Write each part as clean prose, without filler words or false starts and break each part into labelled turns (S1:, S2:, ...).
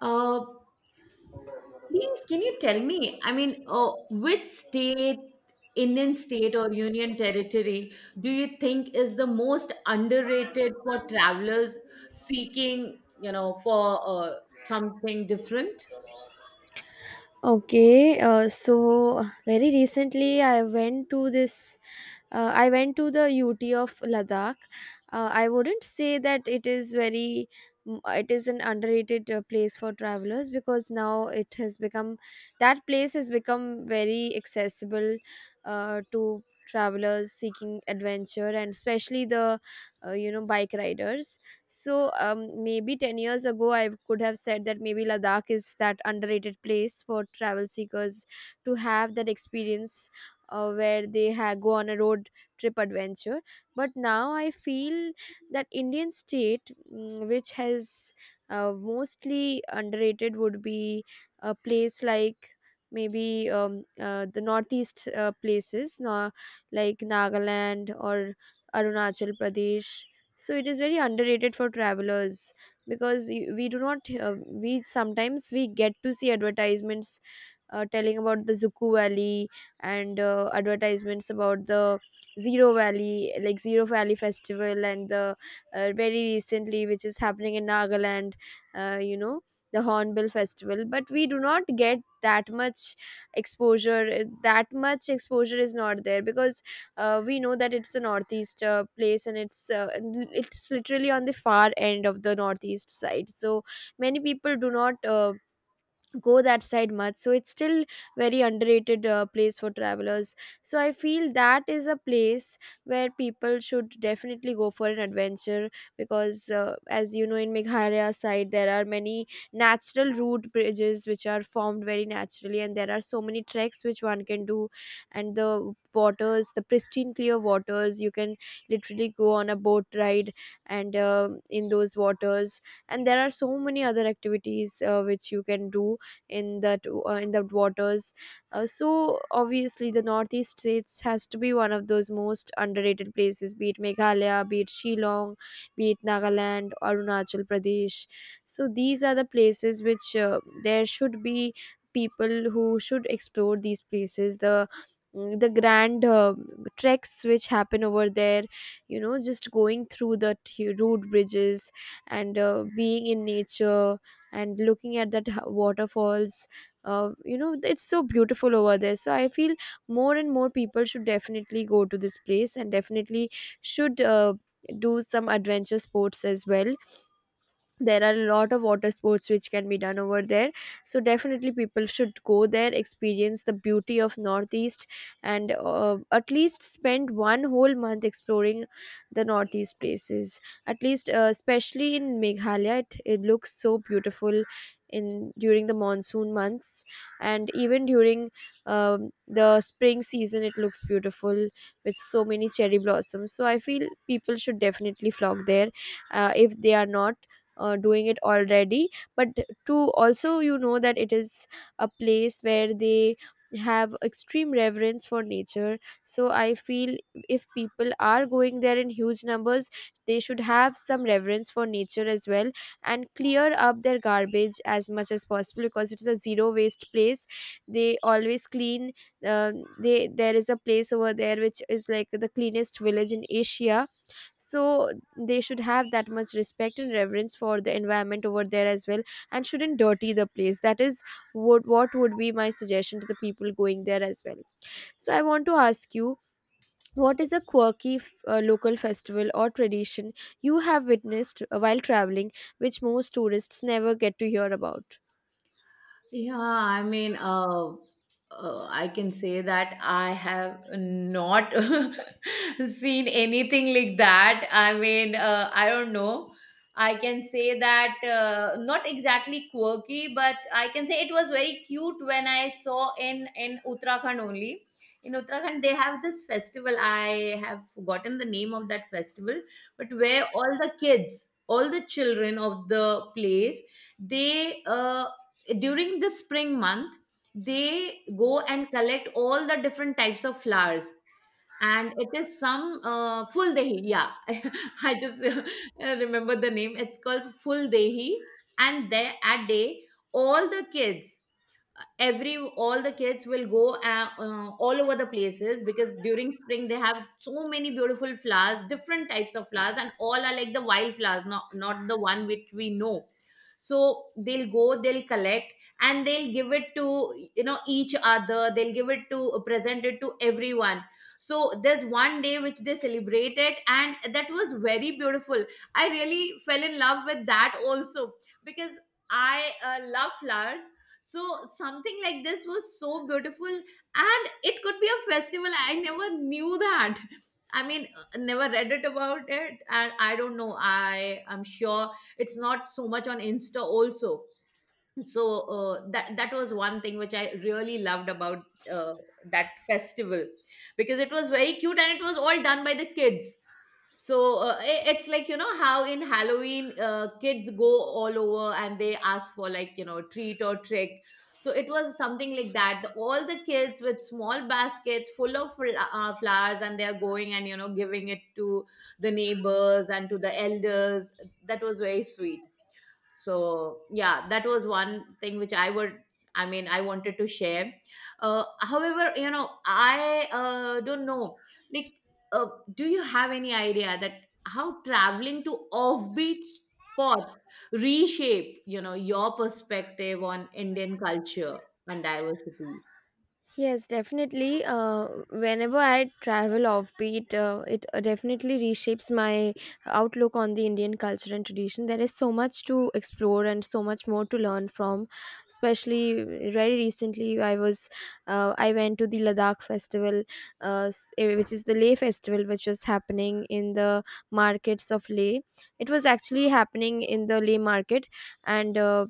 S1: Uh, please, can you tell me? Which state, Indian state or union territory do you think is the most underrated for travelers seeking, you know, for something different?
S2: Okay, so very recently I went to I went to the UT of Ladakh. I wouldn't say that it is it is an underrated place for travelers because now it has that place has become very accessible to travelers seeking adventure and especially bike riders. So maybe 10 years ago, I could have said that maybe Ladakh is that underrated place for travel seekers to have that experience where they go on a road trip adventure. But now I feel that Indian state which has mostly underrated, would be a place like maybe the northeast places, no, like Nagaland or Arunachal Pradesh. So it is very underrated for travelers because we do not, we sometimes we get to see advertisements telling about the Zuku Valley and advertisements about the Zero Valley, like Zero Valley Festival, and the very recently, which is happening in Nagaland, uh, you know, the Hornbill Festival. But we do not get that much exposure. That much exposure is not there because we know that it's a northeast place and it's it's literally on the far end of the northeast side, so many people do not go that side much, so it's still very underrated place for travelers. So I feel that is a place where people should definitely go for an adventure because as you know, in Meghalaya side there are many natural route bridges which are formed very naturally, and there are so many treks which one can do. And the waters, the pristine clear waters, you can literally go on a boat ride and in those waters, and there are so many other activities which you can do in that in the waters. So obviously, the northeast states has to be one of those most underrated places. Be it Meghalaya, be it Shillong, be it Nagaland, Arunachal Pradesh. So these are the places which there should be people who should explore these places. The the grand treks which happen over there, you know, just going through the road bridges and being in nature and looking at that waterfalls, you know, it's so beautiful over there. So I feel more and more people should definitely go to this place and definitely should do some adventure sports as well. There are a lot of water sports which can be done over there, so definitely people should go there, experience the beauty of northeast. And at least spend one whole month exploring the northeast places, at least especially in Meghalaya. It looks so beautiful in during the monsoon months and even during the spring season. It looks beautiful with so many cherry blossoms. So I feel people should definitely flock there if they are not doing it already. But to also, you know, that it is a place where they have extreme reverence for nature. So I feel if people are going there in huge numbers, they should have some reverence for nature as well and clear up their garbage as much as possible, because it is a zero waste place. They always clean, uh, they there is a place over there which is like the cleanest village in Asia. So they should have that much respect and reverence for the environment over there as well, and shouldn't dirty the place. That is what would be my suggestion to the people going there as well. So I want to ask you, what is a quirky local festival or tradition you have witnessed while traveling, which most tourists never get to hear about?
S1: Yeah, I mean, uh, I can say that I have not seen anything like that. I don't know. I can say that not exactly quirky, but I can say it was very cute when I saw in Uttarakhand only. In Uttarakhand, they have this festival. I have forgotten the name of that festival, but where all the kids, all the children of the place, they during the spring month they go and collect all the different types of flowers. And it is some full dehi, yeah. I just remember the name, it's called full dehi. And there, at day, all the kids, every all the kids will go all over the places, because during spring they have so many beautiful flowers, different types of flowers, and all are like the wild flowers, not the one which we know. So they'll go, they'll collect, and they'll give it to, you know, each other, they'll give it to, present it to everyone. So there's one day which they celebrated and that was very beautiful. I really fell in love with that also, because I love flowers. So something like this was so beautiful, and it could be a festival. I never knew that. Never read it about it, and I don't know. I am sure it's not so much on Insta also. So that that was one thing which I really loved about, uh, that festival, because it was very cute and it was all done by the kids. So it's like, you know, how in Halloween kids go all over and they ask for, like, you know, treat or trick. So it was something like that. All the kids with small baskets full of flowers, and they're going and, you know, giving it to the neighbors and to the elders. That was very sweet. So yeah, that was one thing which I would I mean I wanted to share. However, you know, I don't know, like, uh, do you have any idea that how traveling to offbeat spots reshape, you know, your perspective on Indian culture and diversity?
S2: Yes, definitely. Whenever I travel offbeat, it definitely reshapes my outlook on the Indian culture and tradition. There is so much to explore and so much more to learn from. Especially very recently, I was I went to the Ladakh festival, which is the Leh festival, which was happening in the markets of Leh. It was actually happening in the Leh market, and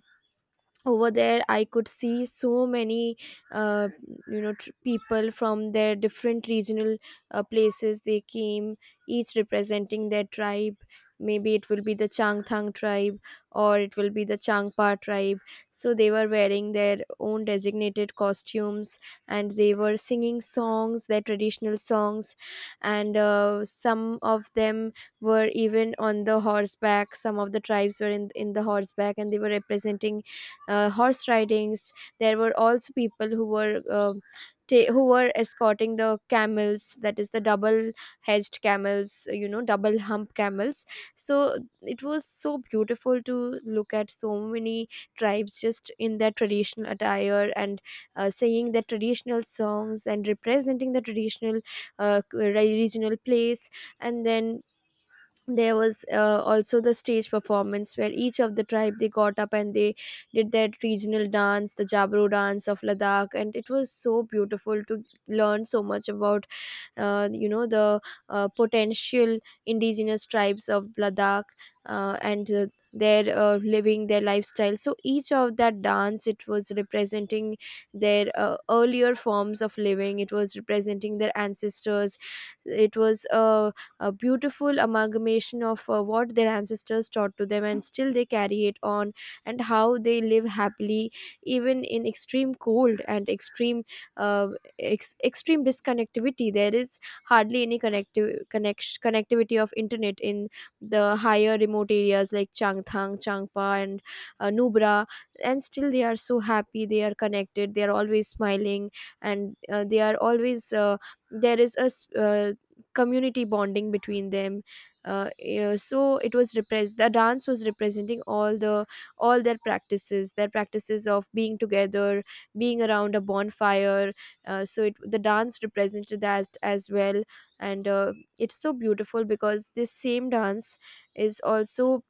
S2: over there I could see so many uh, people from their different regional places. They came, each representing their tribe. Maybe it will be the Changthang tribe or it will be the Changpa tribe. So they were wearing their own designated costumes, and they were singing songs, their traditional songs. And some of them were even on the horseback. Some of the tribes were in the horseback, and they were representing horse ridings. There were also people who were who were escorting the camels, that is the double hedged camels, you know, double hump camels. So it was so beautiful to look at so many tribes just in their traditional attire and singing their traditional songs and representing the traditional regional place. And then there was also the stage performance where each of the tribe, they got up and they did their regional dance, the Jabro dance of Ladakh. And it was so beautiful to learn so much about you know the potential indigenous tribes of Ladakh. And their living, their lifestyle. So each of that dance, it was representing their earlier forms of living. It was representing their ancestors. It was a beautiful amalgamation of what their ancestors taught to them, and still they carry it on, and how they live happily even in extreme cold and extreme uh, extreme disconnectivity. There is hardly any connectivity of internet in the higher remote areas like Changthang, Changpa and Nubra. And still they are so happy, they are connected, they are always smiling. And they are always there is a community bonding between them. Yeah, so it was repressed, the dance was representing all the all their practices, their practices of being together, being around a bonfire. So the dance represented that as well. And it's so beautiful because this same dance is also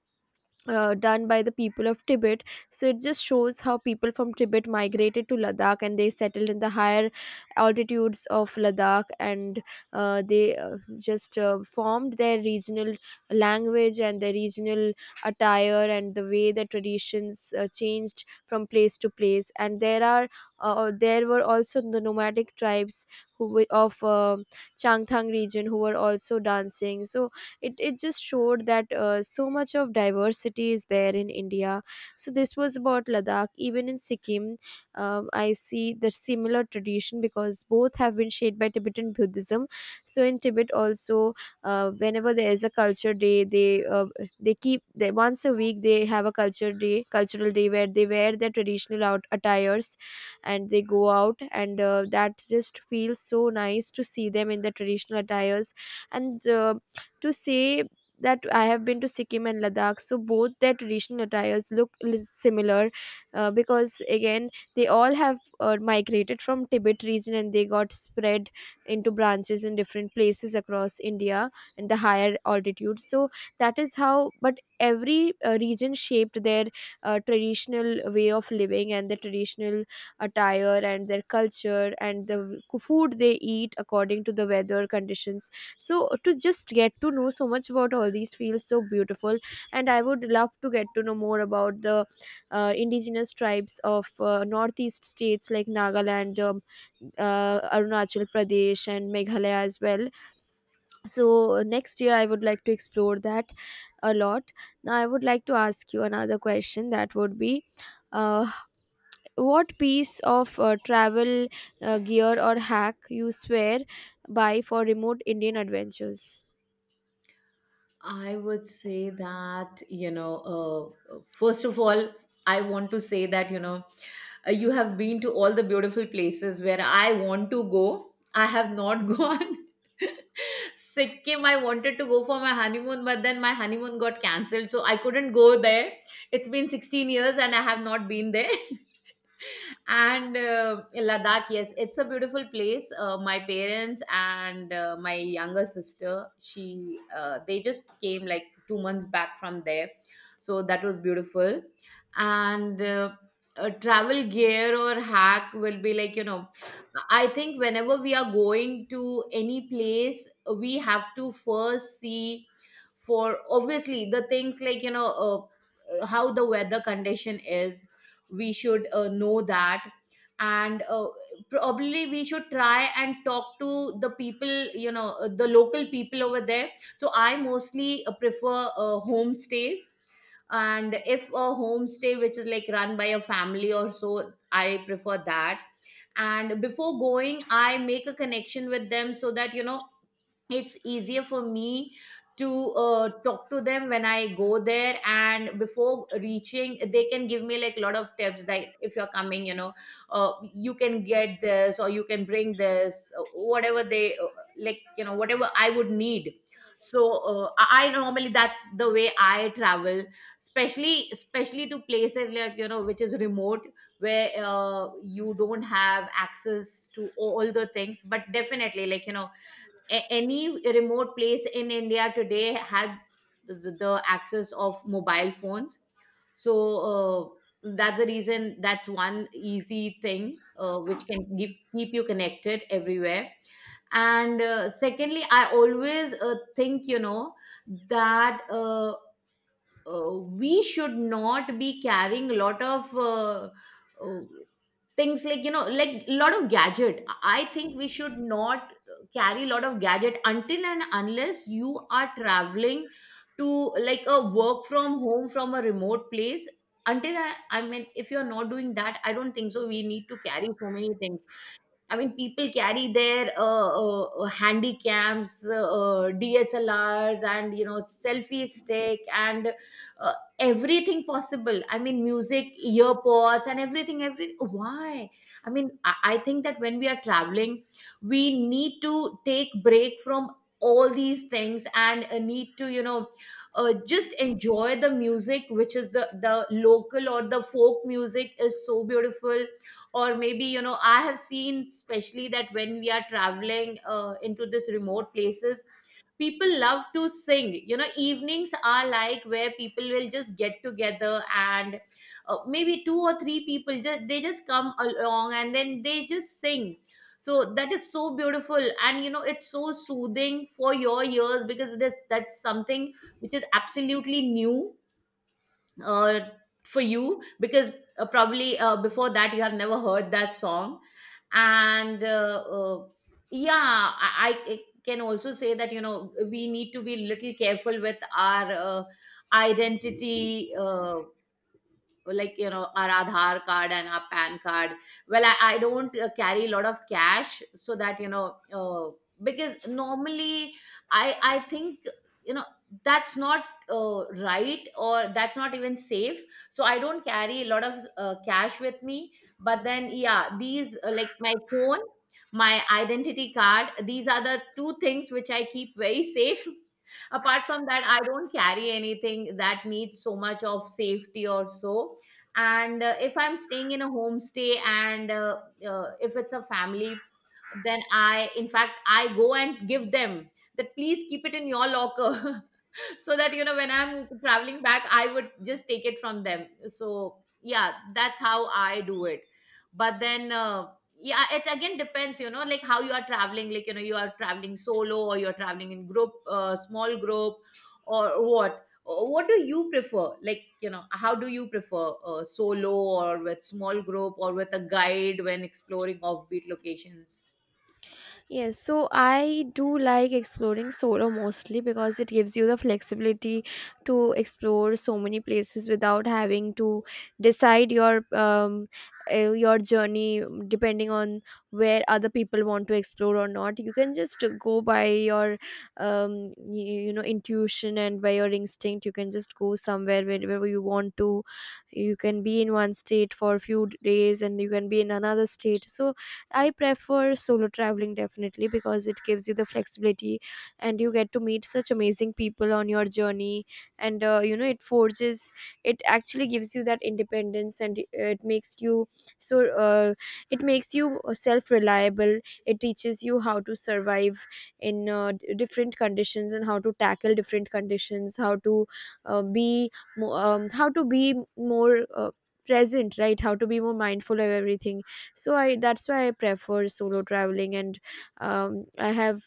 S2: done by the people of Tibet. So it just shows how people from Tibet migrated to Ladakh, and they settled in the higher altitudes of Ladakh, and they just formed their regional language and their regional attire, and the way the traditions changed from place to place. And there are there were also the nomadic tribes who were of Changthang region, who were also dancing. So it just showed that so much of diversity is there in India. So this was about Ladakh. Even in Sikkim, I see the similar tradition because both have been shaped by Tibetan Buddhism. So in Tibet also, whenever there is a culture day, once a week they have a culture day, cultural day, where they wear their traditional out attires, and they go out. And that just feels so nice to see them in their traditional attires. And to say that I have been to Sikkim and Ladakh, so both their traditional attires look similar, because again they all have migrated from Tibet region, and they got spread into branches in different places across India and the higher altitudes. So that is how, but every region shaped their traditional way of living and the traditional attire and their culture and the food they eat according to the weather conditions. So to just get to know so much about all these feels so beautiful, and I would love to get to know more about the indigenous tribes of northeast states like Nagaland, Arunachal Pradesh and Meghalaya as well. So next year I would like to explore that a lot. Now I would like to ask you another question, that would be, uh, what piece of travel gear or hack you swear by for remote Indian adventures?
S1: I would say that, you know, first of all, I want to say that, you know, you have been to all the beautiful places where I want to go. I have not gone. Sikkim, I wanted to go for my honeymoon, but then my honeymoon got cancelled, so I couldn't go there. It's been 16 years and I have not been there. And Ladakh, yes, it's a beautiful place. My parents and my younger sister, she they just came like 2 months back from there. So that was beautiful. And a travel gear or hack will be like, you know, I think whenever we are going to any place, we have to first see for, obviously, the things like, you know, how the weather condition is. We should know that. And probably we should try and talk to the people, you know, the local people over there. So I mostly prefer homestays, and if a homestay which is like run by a family or so, I prefer that. And before going, I make a connection with them, so that, you know, it's easier for me to talk to them when I go there. And before reaching, they can give me like a lot of tips. Like, if you're coming, you know, you can get this or you can bring this, whatever they like, you know, whatever I would need. So I normally, that's the way I travel, especially to places like, you know, which is remote, where you don't have access to all the things. But definitely, like, you know, any remote place in India today had the access of mobile phones. So uh, that's the reason, that's one easy thing which can keep you connected everywhere. And secondly, I always think, you know, that we should not be carrying a lot of uh, things, like, you know, like a lot of gadget. I think we should not carry a lot of gadget until and unless you are traveling to like a work from home from a remote place. I mean, if you're not doing that, I don't think so we need to carry so many things. I mean, people carry their handy cams, DSLRs, and, you know, selfie stick, and everything possible. I mean, music, earpods, and everything. Everything. Why? I mean, I think that when we are traveling, we need to take break from all these things and need to, you know, just enjoy the music, which is the local or the folk music is so beautiful. Or maybe, you know, I have seen, especially, that when we are traveling into this remote places, people love to sing. You know, evenings are like where people will just get together and maybe two or three people, just come along and then they just sing. So that is so beautiful, and, you know, it's so soothing for your ears, because that's something which is absolutely new uh, for you, because probably before that you have never heard that song. And yeah, I can also say that, you know, we need to be little careful with our identity, like, you know, our Aadhaar card and our PAN card. Well, I don't carry a lot of cash, so that, you know, because normally I think, you know, that's not right, or that's not even safe. So I don't carry a lot of cash with me. But then yeah, these like my phone, my identity card. These are the two things which I keep very safe. Apart from that, I don't carry anything that needs so much of safety or so. And if I'm staying in a homestay, and if it's a family, then I in fact I go and give them that, please keep it in your locker. So that, you know, when I'm traveling back, I would just take it from them. So yeah, that's how I do it. But then yeah, it again depends, you know, like, how you are traveling, like, you know, you are traveling solo or you're traveling in group, small group, or what. What do you prefer, like, you know, how do you prefer, solo or with small group or with a guide when exploring offbeat locations?
S2: Yes, so I do like exploring solo mostly because it gives you the flexibility to explore so many places without having to decide your journey depending on where other people want to explore or not. You can just go by your you know, intuition and by your instinct. You can just go somewhere wherever you want to. You can be in one state for a few days, and you can be in another state. So I prefer solo traveling definitely because it gives you the flexibility, and you get to meet such amazing people on your journey. And, you know, it it actually gives you that independence, and it makes you so, uh, it makes you self reliable. It teaches you how to survive in different conditions and how to tackle different conditions, how to uh, be, how to be more, present, right? How to be more mindful of everything. So i that's why I prefer solo traveling, and um, i have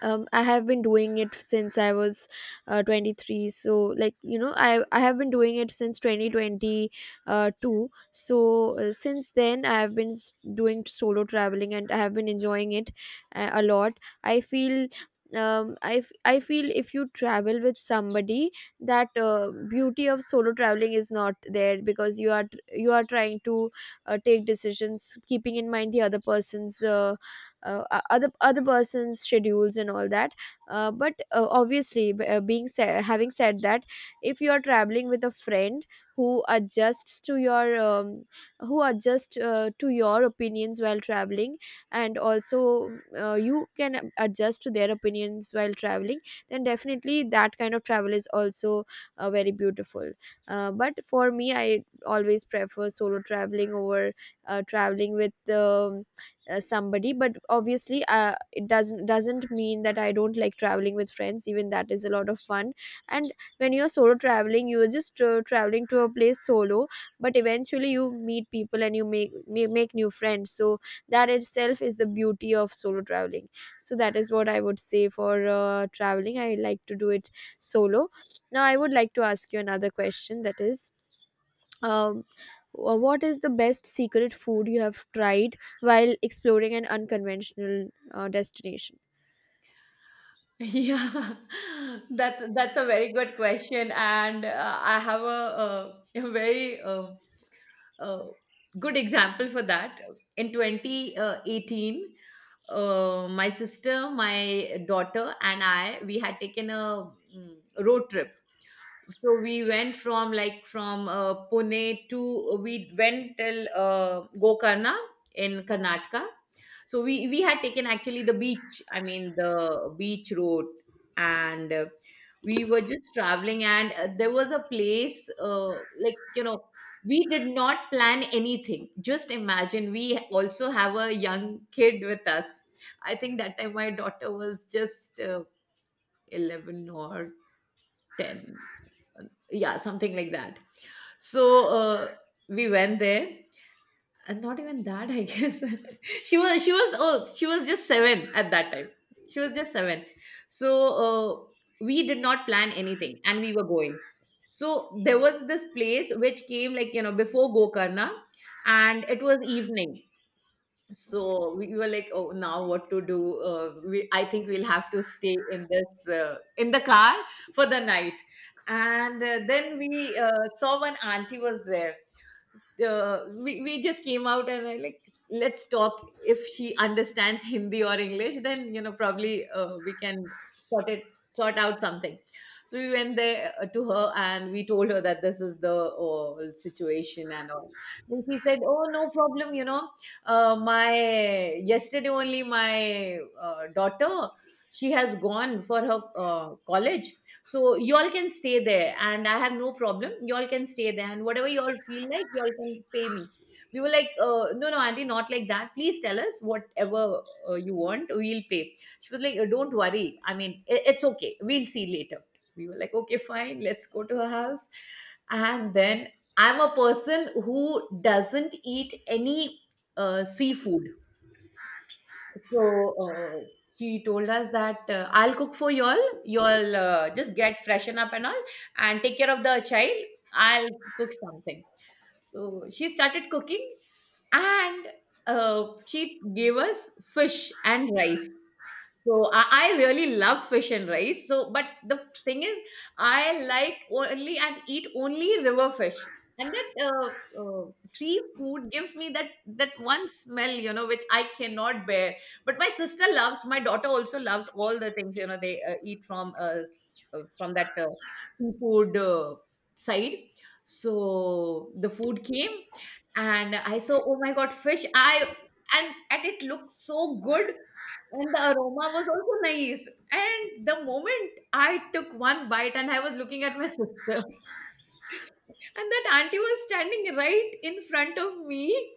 S2: I have been doing it since I was 23. So, like, you know, I have been doing it since twenty twenty, two. So since then I have been doing solo traveling, and I have been enjoying it a lot. I feel, I feel if you travel with somebody, that beauty of solo traveling is not there because you are, you are trying to take decisions keeping in mind the other person's, other person's schedules and all that. But obviously, having said that, if you are traveling with a friend who adjusts to your who adjust to your opinions while traveling, and also you can adjust to their opinions while traveling, then definitely that kind of travel is also very beautiful. But for me, I always prefer solo traveling over traveling with um, somebody. But obviously, it doesn't mean that I don't like traveling with friends. Even that is a lot of fun. And when you're solo traveling, you're just traveling to a place solo, but eventually you meet people and you make new friends. So that itself is the beauty of solo traveling. So that is what I would say. For traveling, I like to do it solo. Now I would like to ask you another question, that is, um, what is the best secret food you have tried while exploring an unconventional destination?
S1: Yeah, that's a very good question, and I have a very uh, good example for that. In 2018, my sister, my daughter, and I, we had taken a road trip. So we went from, like, from Pune to, we went till Gokarna in Karnataka. So we had taken actually the beach, I mean the beach road, and we were just traveling, and there was a place, like, you know, we did not plan anything. Just imagine, we also have a young kid with us. I think that time my daughter was just 11 or ten, yeah, something like that. So uh, we went there. And not even that, I guess. She was just 7 at that time, she was just 7. So uh, we did not plan anything and we were going. So there was this place which came, like, you know, before Gokarna, and it was evening. So we were like, oh, now what to do? I think we'll have to stay in this in the car for the night. And then we saw one auntie was there. We just came out and I like, let's talk, if she understands Hindi or English, then, you know, probably we can sort it sort out something. So we went there to her and we told her that this is the situation and all. Then she said, oh, no problem, you know, my yesterday only my daughter, she has gone for her college. So y'all can stay there and I have no problem. Y'all can stay there and whatever y'all feel like, y'all can pay me. We were like, no, no, auntie, not like that. Please tell us whatever you want, we'll pay. She was like, don't worry. I mean, it's okay. We'll see later." We were like, okay, fine, let's go to her house. And then I'm a person who doesn't eat any seafood. So uh, she told us that I'll cook for y'all. Y'all just get freshen up and all, and take care of the child. I'll cook something. So she started cooking, and she gave us fish and rice. So I really love fish and rice. So, but the thing is, I like only and eat only river fish. And that seafood gives me that one smell, which I cannot bear. But my sister loves, my daughter also loves all the things, you know, they eat from that seafood side. So the food came, and I saw, oh my God, fish! I and it looked so good and the aroma was also nice. And the moment I took one bite and I was looking at my sister, and that auntie was standing right in front of me.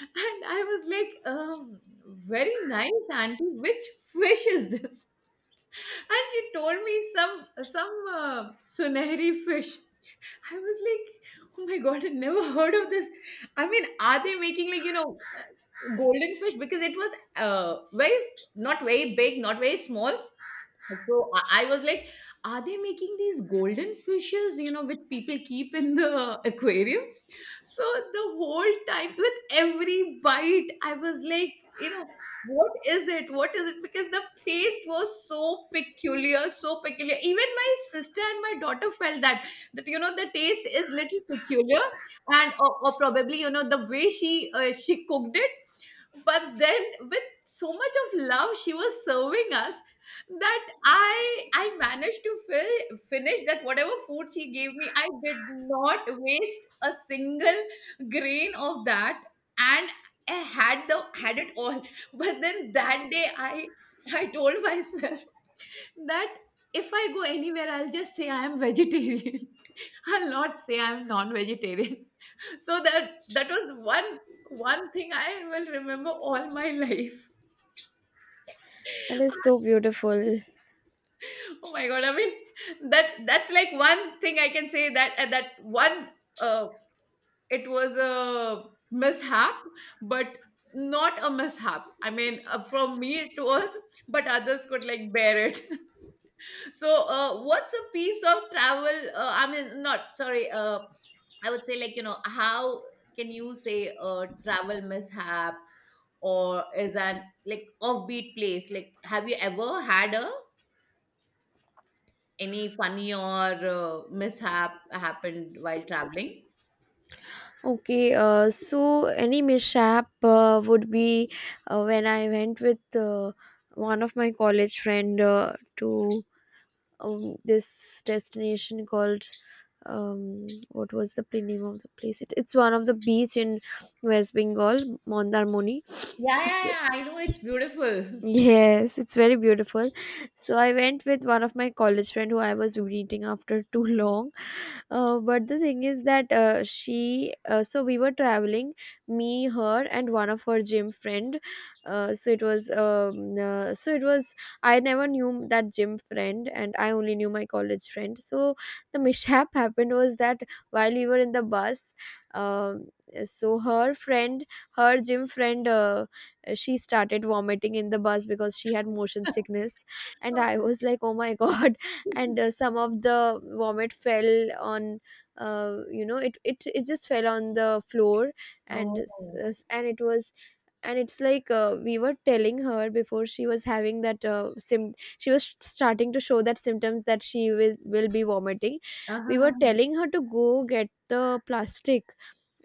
S1: And I was like, very nice, auntie. Which fish is this? And she told me some sunahri fish. I was like, oh my God, I never heard of this. I mean, are they making, like, you know, uh, golden fish? Because it was uh, very not very big, not very small, so I was like, are they making these golden fishes, you know, which people keep in the aquarium? So the whole time, with every bite, I was like, you know, what is it? What is it? Because the taste was so peculiar, so peculiar. Even my sister and my daughter felt that you know the taste is little peculiar, and or probably you know the way she cooked it, but then with so much of love she was serving us that I managed to finish that whatever food she gave me. I did not waste a single grain of that, and I had the had it all. But then that day I told myself that if I go anywhere, I'll just say I am vegetarian. I'll not say I'm non-vegetarian. So that was one thing I will remember all my life.
S2: That is so beautiful.
S1: Oh my God! I mean, that's like one thing I can say, that that one, uh, it was a mishap, but not a mishap. I mean, from me it was, but others could like bear it. So, what's a piece of travel? I mean, not sorry. I would say, like, you know, how can you say a travel mishap or is an like offbeat place? Like, have you ever had a any funny or mishap happened while traveling?
S2: Okay, so any mishap would be when I went with one of my college friend to this destination called, what was the name of the place? It, it's one of the beach in West Bengal, Mondarmoni.
S1: Yeah, yeah, yeah. I know it's beautiful.
S2: Yes, it's very beautiful. So I went with one of my college friend who I was meeting after too long, but the thing is that she so we were traveling, me, her, and one of her gym friend. Uh, So it was so it was I never knew that gym friend, and I only knew my college friend. So the mishap happened was that while we were in the bus, um, so her friend, her gym friend, she started vomiting in the bus because she had motion sickness, and I was like, oh my god. And some of the vomit fell on, you know, it just fell on the floor. And
S1: Oh,
S2: and it was, and it's like, we were telling her before, she was having that sim she was starting to show that symptoms that she will be vomiting. We were
S1: uh-huh.
S2: telling her to go get the plastic.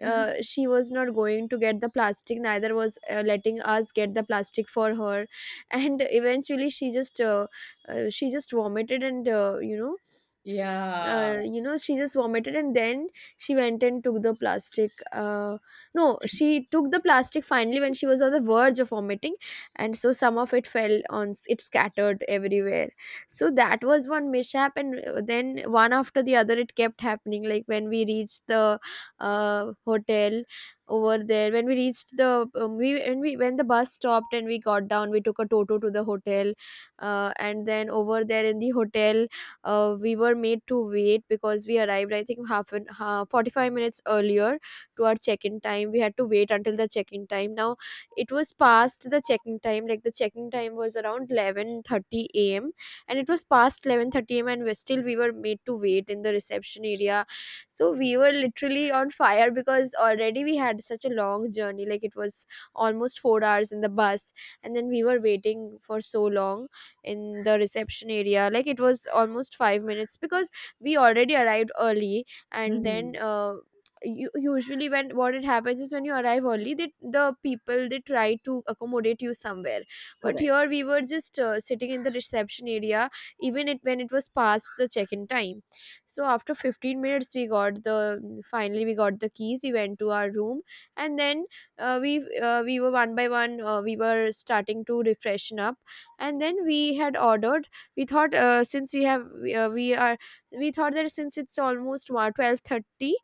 S2: She was not going to get the plastic, neither was letting us get the plastic for her. And eventually she just vomited, and you know,
S1: Yeah.
S2: you know, she just vomited, and then she went and took the plastic. No, she took the plastic finally when she was on the verge of vomiting, and so some of it fell on, it scattered everywhere. So that was one mishap, and then one after the other it kept happening. Like, when we reached the hotel, over there, when we reached the, we when we, when the bus stopped and we got down, we took a toto to the hotel. And then over there in the hotel, we were made to wait because we arrived, I think, half an 45 minutes earlier to our check-in time. We had to wait until the check-in time. Now, it was past the check-in time. Like, the check-in time was around 11:30 a.m., and it was past 11:30 a.m., and we still, we were made to wait in the reception area. So we were literally on fire because already we had such a long journey. Like, it was almost 4 hours in the bus, and then we were waiting for so long in the reception area. Like, it was almost 5 minutes because we already arrived early. And then
S1: Mhm.
S2: usually when what it happens is, when you arrive early, the people, they try to accommodate you somewhere, but
S1: Correct.
S2: here we were just sitting in the reception area even it when it was past the check-in time. So after 15 minutes we got the, finally we got the keys, we went to our room. And then uh, we we were one by one, we were starting to refreshen up. And then we had ordered, we thought, since we have we are we thought that since it's almost 12:30,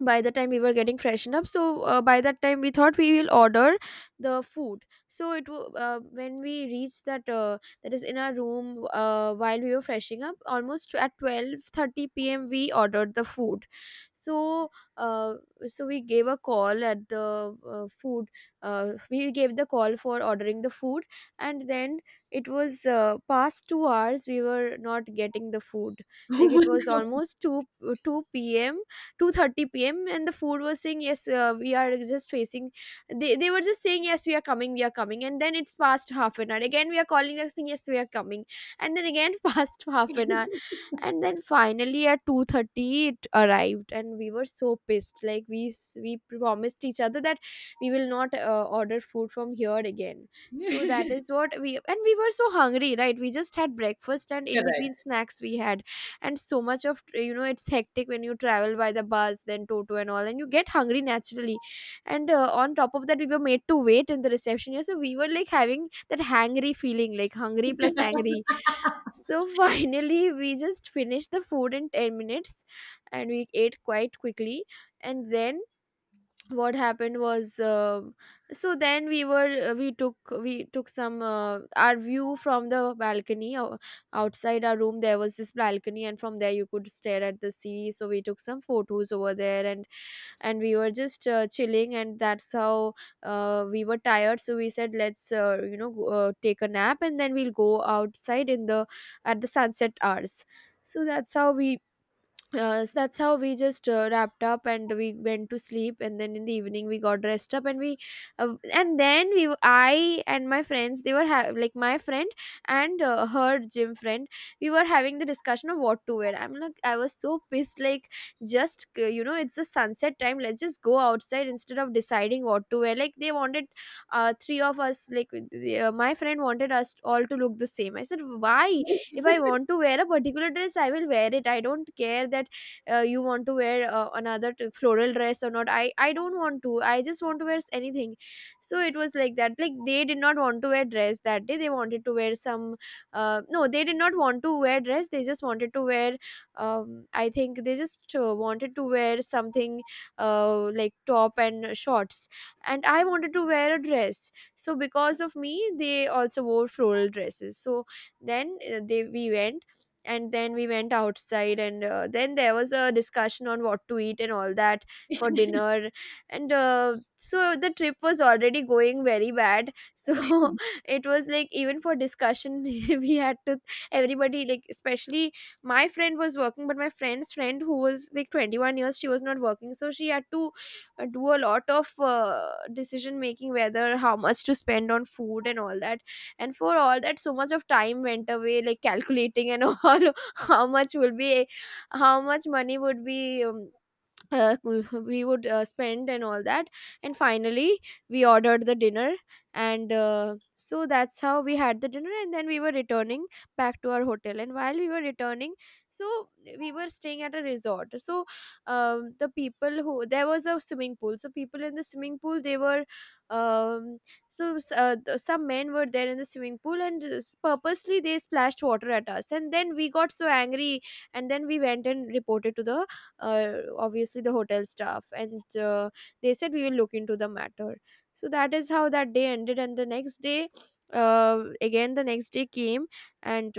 S2: by the time we were getting freshened up, so by that time we thought we will order the food. So it when we reached that, that is in our room, while we were freshing up almost at 12:30 p.m., we ordered the food. So, uh, so we gave a call at the food, we gave the call for ordering the food. And then it was, past 2 hours we were not getting the food.
S1: Oh
S2: Like, it
S1: my
S2: was almost 2, 2 p.m., 2:30 p.m., and the food was saying, yes, we are just facing, they were just saying, yes, we are coming, we are coming. And then it's past half an hour, again we are calling, they are saying, yes, we are coming. And then again, past half an hour. And then finally at 2:30 it arrived, and we were so pissed. Like, we we promised each other that we will not order food from here again. So that
S1: God.
S2: is what we, and we were so hungry, right? We just had breakfast, and in between
S1: Correct.
S2: snacks we had. And so much of, you know, it's hectic when you travel by the bus, then toto and all, and you get hungry naturally. And on top of that, we were made to wait in the reception, yeah. So we were like having that hangry feeling, like hungry plus angry. So finally, we just finished the food in 10 minutes, and we ate quite quickly. And then what happened was, um, so then we were, we took some, our view from the balcony. Outside our room there was this balcony, and from there you could stare at the sea. So we took some photos over there. And we were just chilling, and that's how, we were tired, so we said, let's you know, take a nap, and then we'll go outside in the, at the sunset hours. So that's how we, so that's how we just wrapped up, and we went to sleep. And then in the evening we got dressed up, and we, and then we w- I and my friends, they were like my friend and her gym friend, we were having the discussion of what to wear. I'm like, I was so pissed, like, just, you know, it's the sunset time, let's just go outside instead of deciding what to wear. Like, they wanted, three of us, like, my friend wanted us all to look the same. I said, why? If I want to wear a particular dress, I will wear it. I don't care that you want to wear floral dress or not. I don't want to, I just want to wear anything. So it was like that, like they did not want to wear dress that day, they wanted to wear some— no, they did not want to wear dress, they just wanted to wear— um, I think they just wanted to wear something, like top and shorts. And I wanted to wear a dress, so because of me they also wore floral dresses. So then they we went. And then we went outside, and then there was a discussion on what to eat and all that, for dinner. And so the trip was already going very bad, so it was like even for discussion we had to— everybody, like, especially my friend was working, but my friend's friend, who was like 21 years, she was not working, so she had to do a lot of decision making, whether how much to spend on food and all that. And for all that, so much of time went away, like calculating and all, how much will be— how much money would be— uh, we we would spend and all that. And finally we ordered the dinner. And so that's how we had the dinner, and then we were returning back to our hotel. And while we were returning, so we were staying at a resort, so the people who— there was a swimming pool, so people in the swimming pool they were— um, so some men were there in the swimming pool, and purposely they splashed water at us, and then we got so angry. And then we went and reported to the— obviously the hotel staff. And they said we will look into the matter. So that is how that day ended. And the next day, again, the next day came. And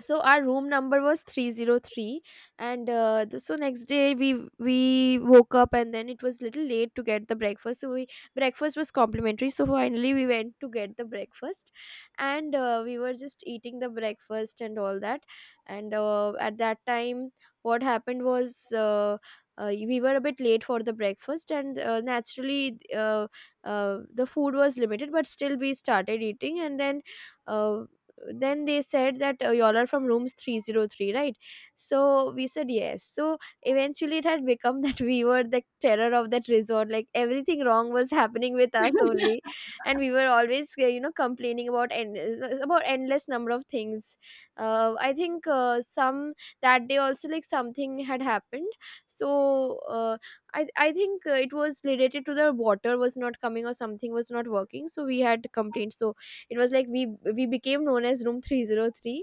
S2: so our room number was 303. And so next day we woke up, and then it was little late to get the breakfast, so we— breakfast was complimentary, so finally we went to get the breakfast. And we were just eating the breakfast and all that. And at that time, what happened was— we were a bit late for the breakfast, and naturally the food was limited, but still we started eating. And then— uh, then they said that y'all are from rooms 303, right? So we said yes. So eventually it had become that we were the terror of that resort, like everything wrong was happening with us only. And we were always complaining about about endless number of things. I think some— that day also, like, something had happened. So I think it was related to— the water was not coming or something was not working, so we had complaints. It was like we became known as room 303.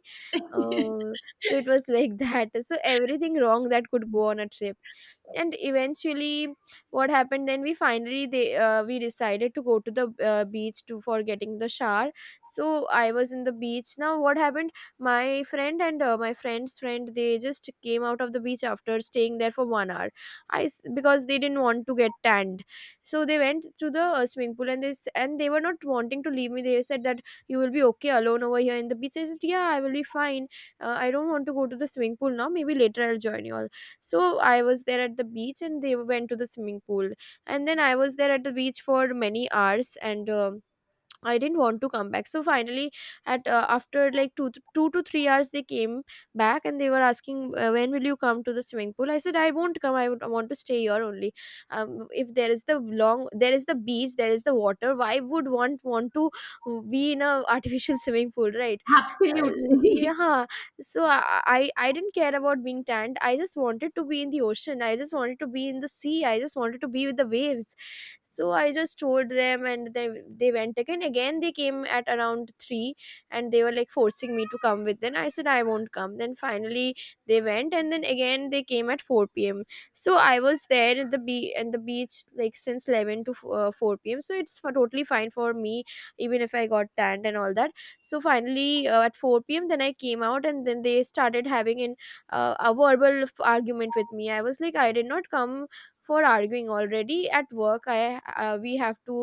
S2: uh, so it was like that, so everything wrong that could go on a trip. And eventually what happened— then we finally— they— we decided to go to the beach to— for getting the shower. So I was in the beach. Now what happened— my friend and my friend's friend, they just came out of the beach after staying there for 1 hour. Because they didn't want to get tanned, so they went to the swimming pool. And and they were not wanting to leave me. They said that, you will be okay alone over here in the beach? I said, yeah, I will be fine. I don't want to go to the swimming pool now, maybe later I'll join you all. So I was there at the beach, and they went to the swimming pool. And then I was there at the beach for many hours. And I didn't want to come back. So finally at— after like 2 to 3 hours, they came back. And they were asking, when will you come to the swimming pool? I said I won't come. I want to stay here only. If there is the long— there is the beach, there is the water, why would one want to be in a artificial swimming pool, right? uh, yeah,
S1: Absolutely.
S2: huh. So I didn't care about being tanned. I just wanted to be in the ocean, I just wanted to be in the sea, I just wanted to be with the waves. So I just told them, and they went. Again, again they came at around 3, and they were like forcing me to come with them. I said I won't come. Then finally they went, and then again they came at 4 p.m. So I was there at the be at the beach, like, since 11 to 4 p.m., so it's for totally fine for me, even if I got tanned and all that. So finally at 4 p.m. then I came out. And then they started having an a verbal argument with me. I was like, I did not come for arguing. Already at work I— we have to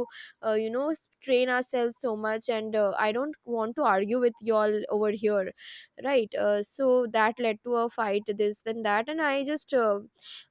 S2: train ourselves so much, and I don't want to argue with y'all over here, right? So that led to a fight, this then that. And I just uh,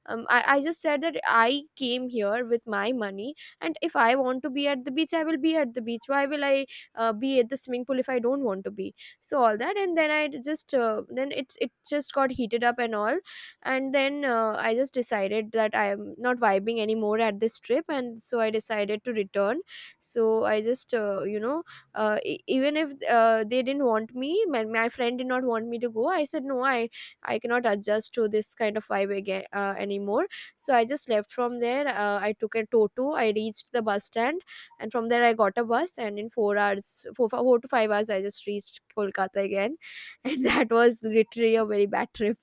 S2: um, I, I just said that I came here with my money, and if I want to be at the beach, I will be at the beach. Why will I be at the swimming pool if I don't want to be? So all that. And then I just then it just got heated up and all. And then I just decided that I am not vibing anymore at this trip, and so I decided to return. So I just even if they didn't want me— my friend did not want me to go— I said no, I— I cannot adjust to this kind of vibe again anymore. So I just left from there. I took a toto, I reached the bus stand. And from there I got a bus, and in 4 hours— 4 to 5 hours, I just reached Kolkata again. And that was literally a very bad trip,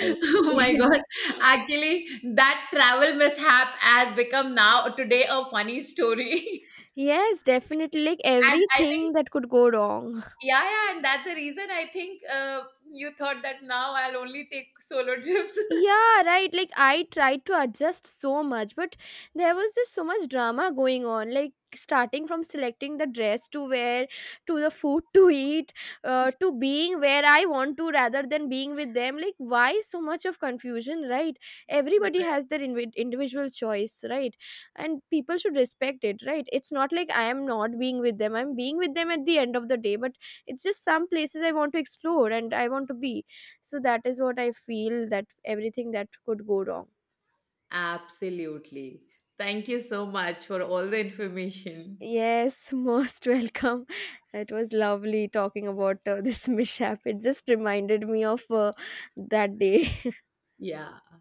S2: I would—
S1: my
S2: say.
S1: God. Actually, that travel mishap has become now today a funny story.
S2: Yes, definitely, like
S1: And I
S2: everything
S1: think,
S2: that could go wrong.
S1: yeah, yeah, and that's the reason, I think, you thought that now I'll only take solo trips.
S2: Yeah, right. Like I tried to adjust so much, but there was just so much drama going on. Like, starting from selecting the dress to wear, to the food to eat, to being where I want to, rather than being with them. Like, why so much of confusion, right? Everybody
S1: Correct.
S2: has their individual choice, right? And people should respect it, right? It's not like I am not being with them, I'm being with them at the end of the day. But it's just some places I want to explore and I want to be. So that is what I feel, that everything that could go wrong.
S1: Absolutely, thank you so much for all the information.
S2: Yes, most welcome. It was lovely talking about this mishap. It just reminded me of that day.
S1: Yeah.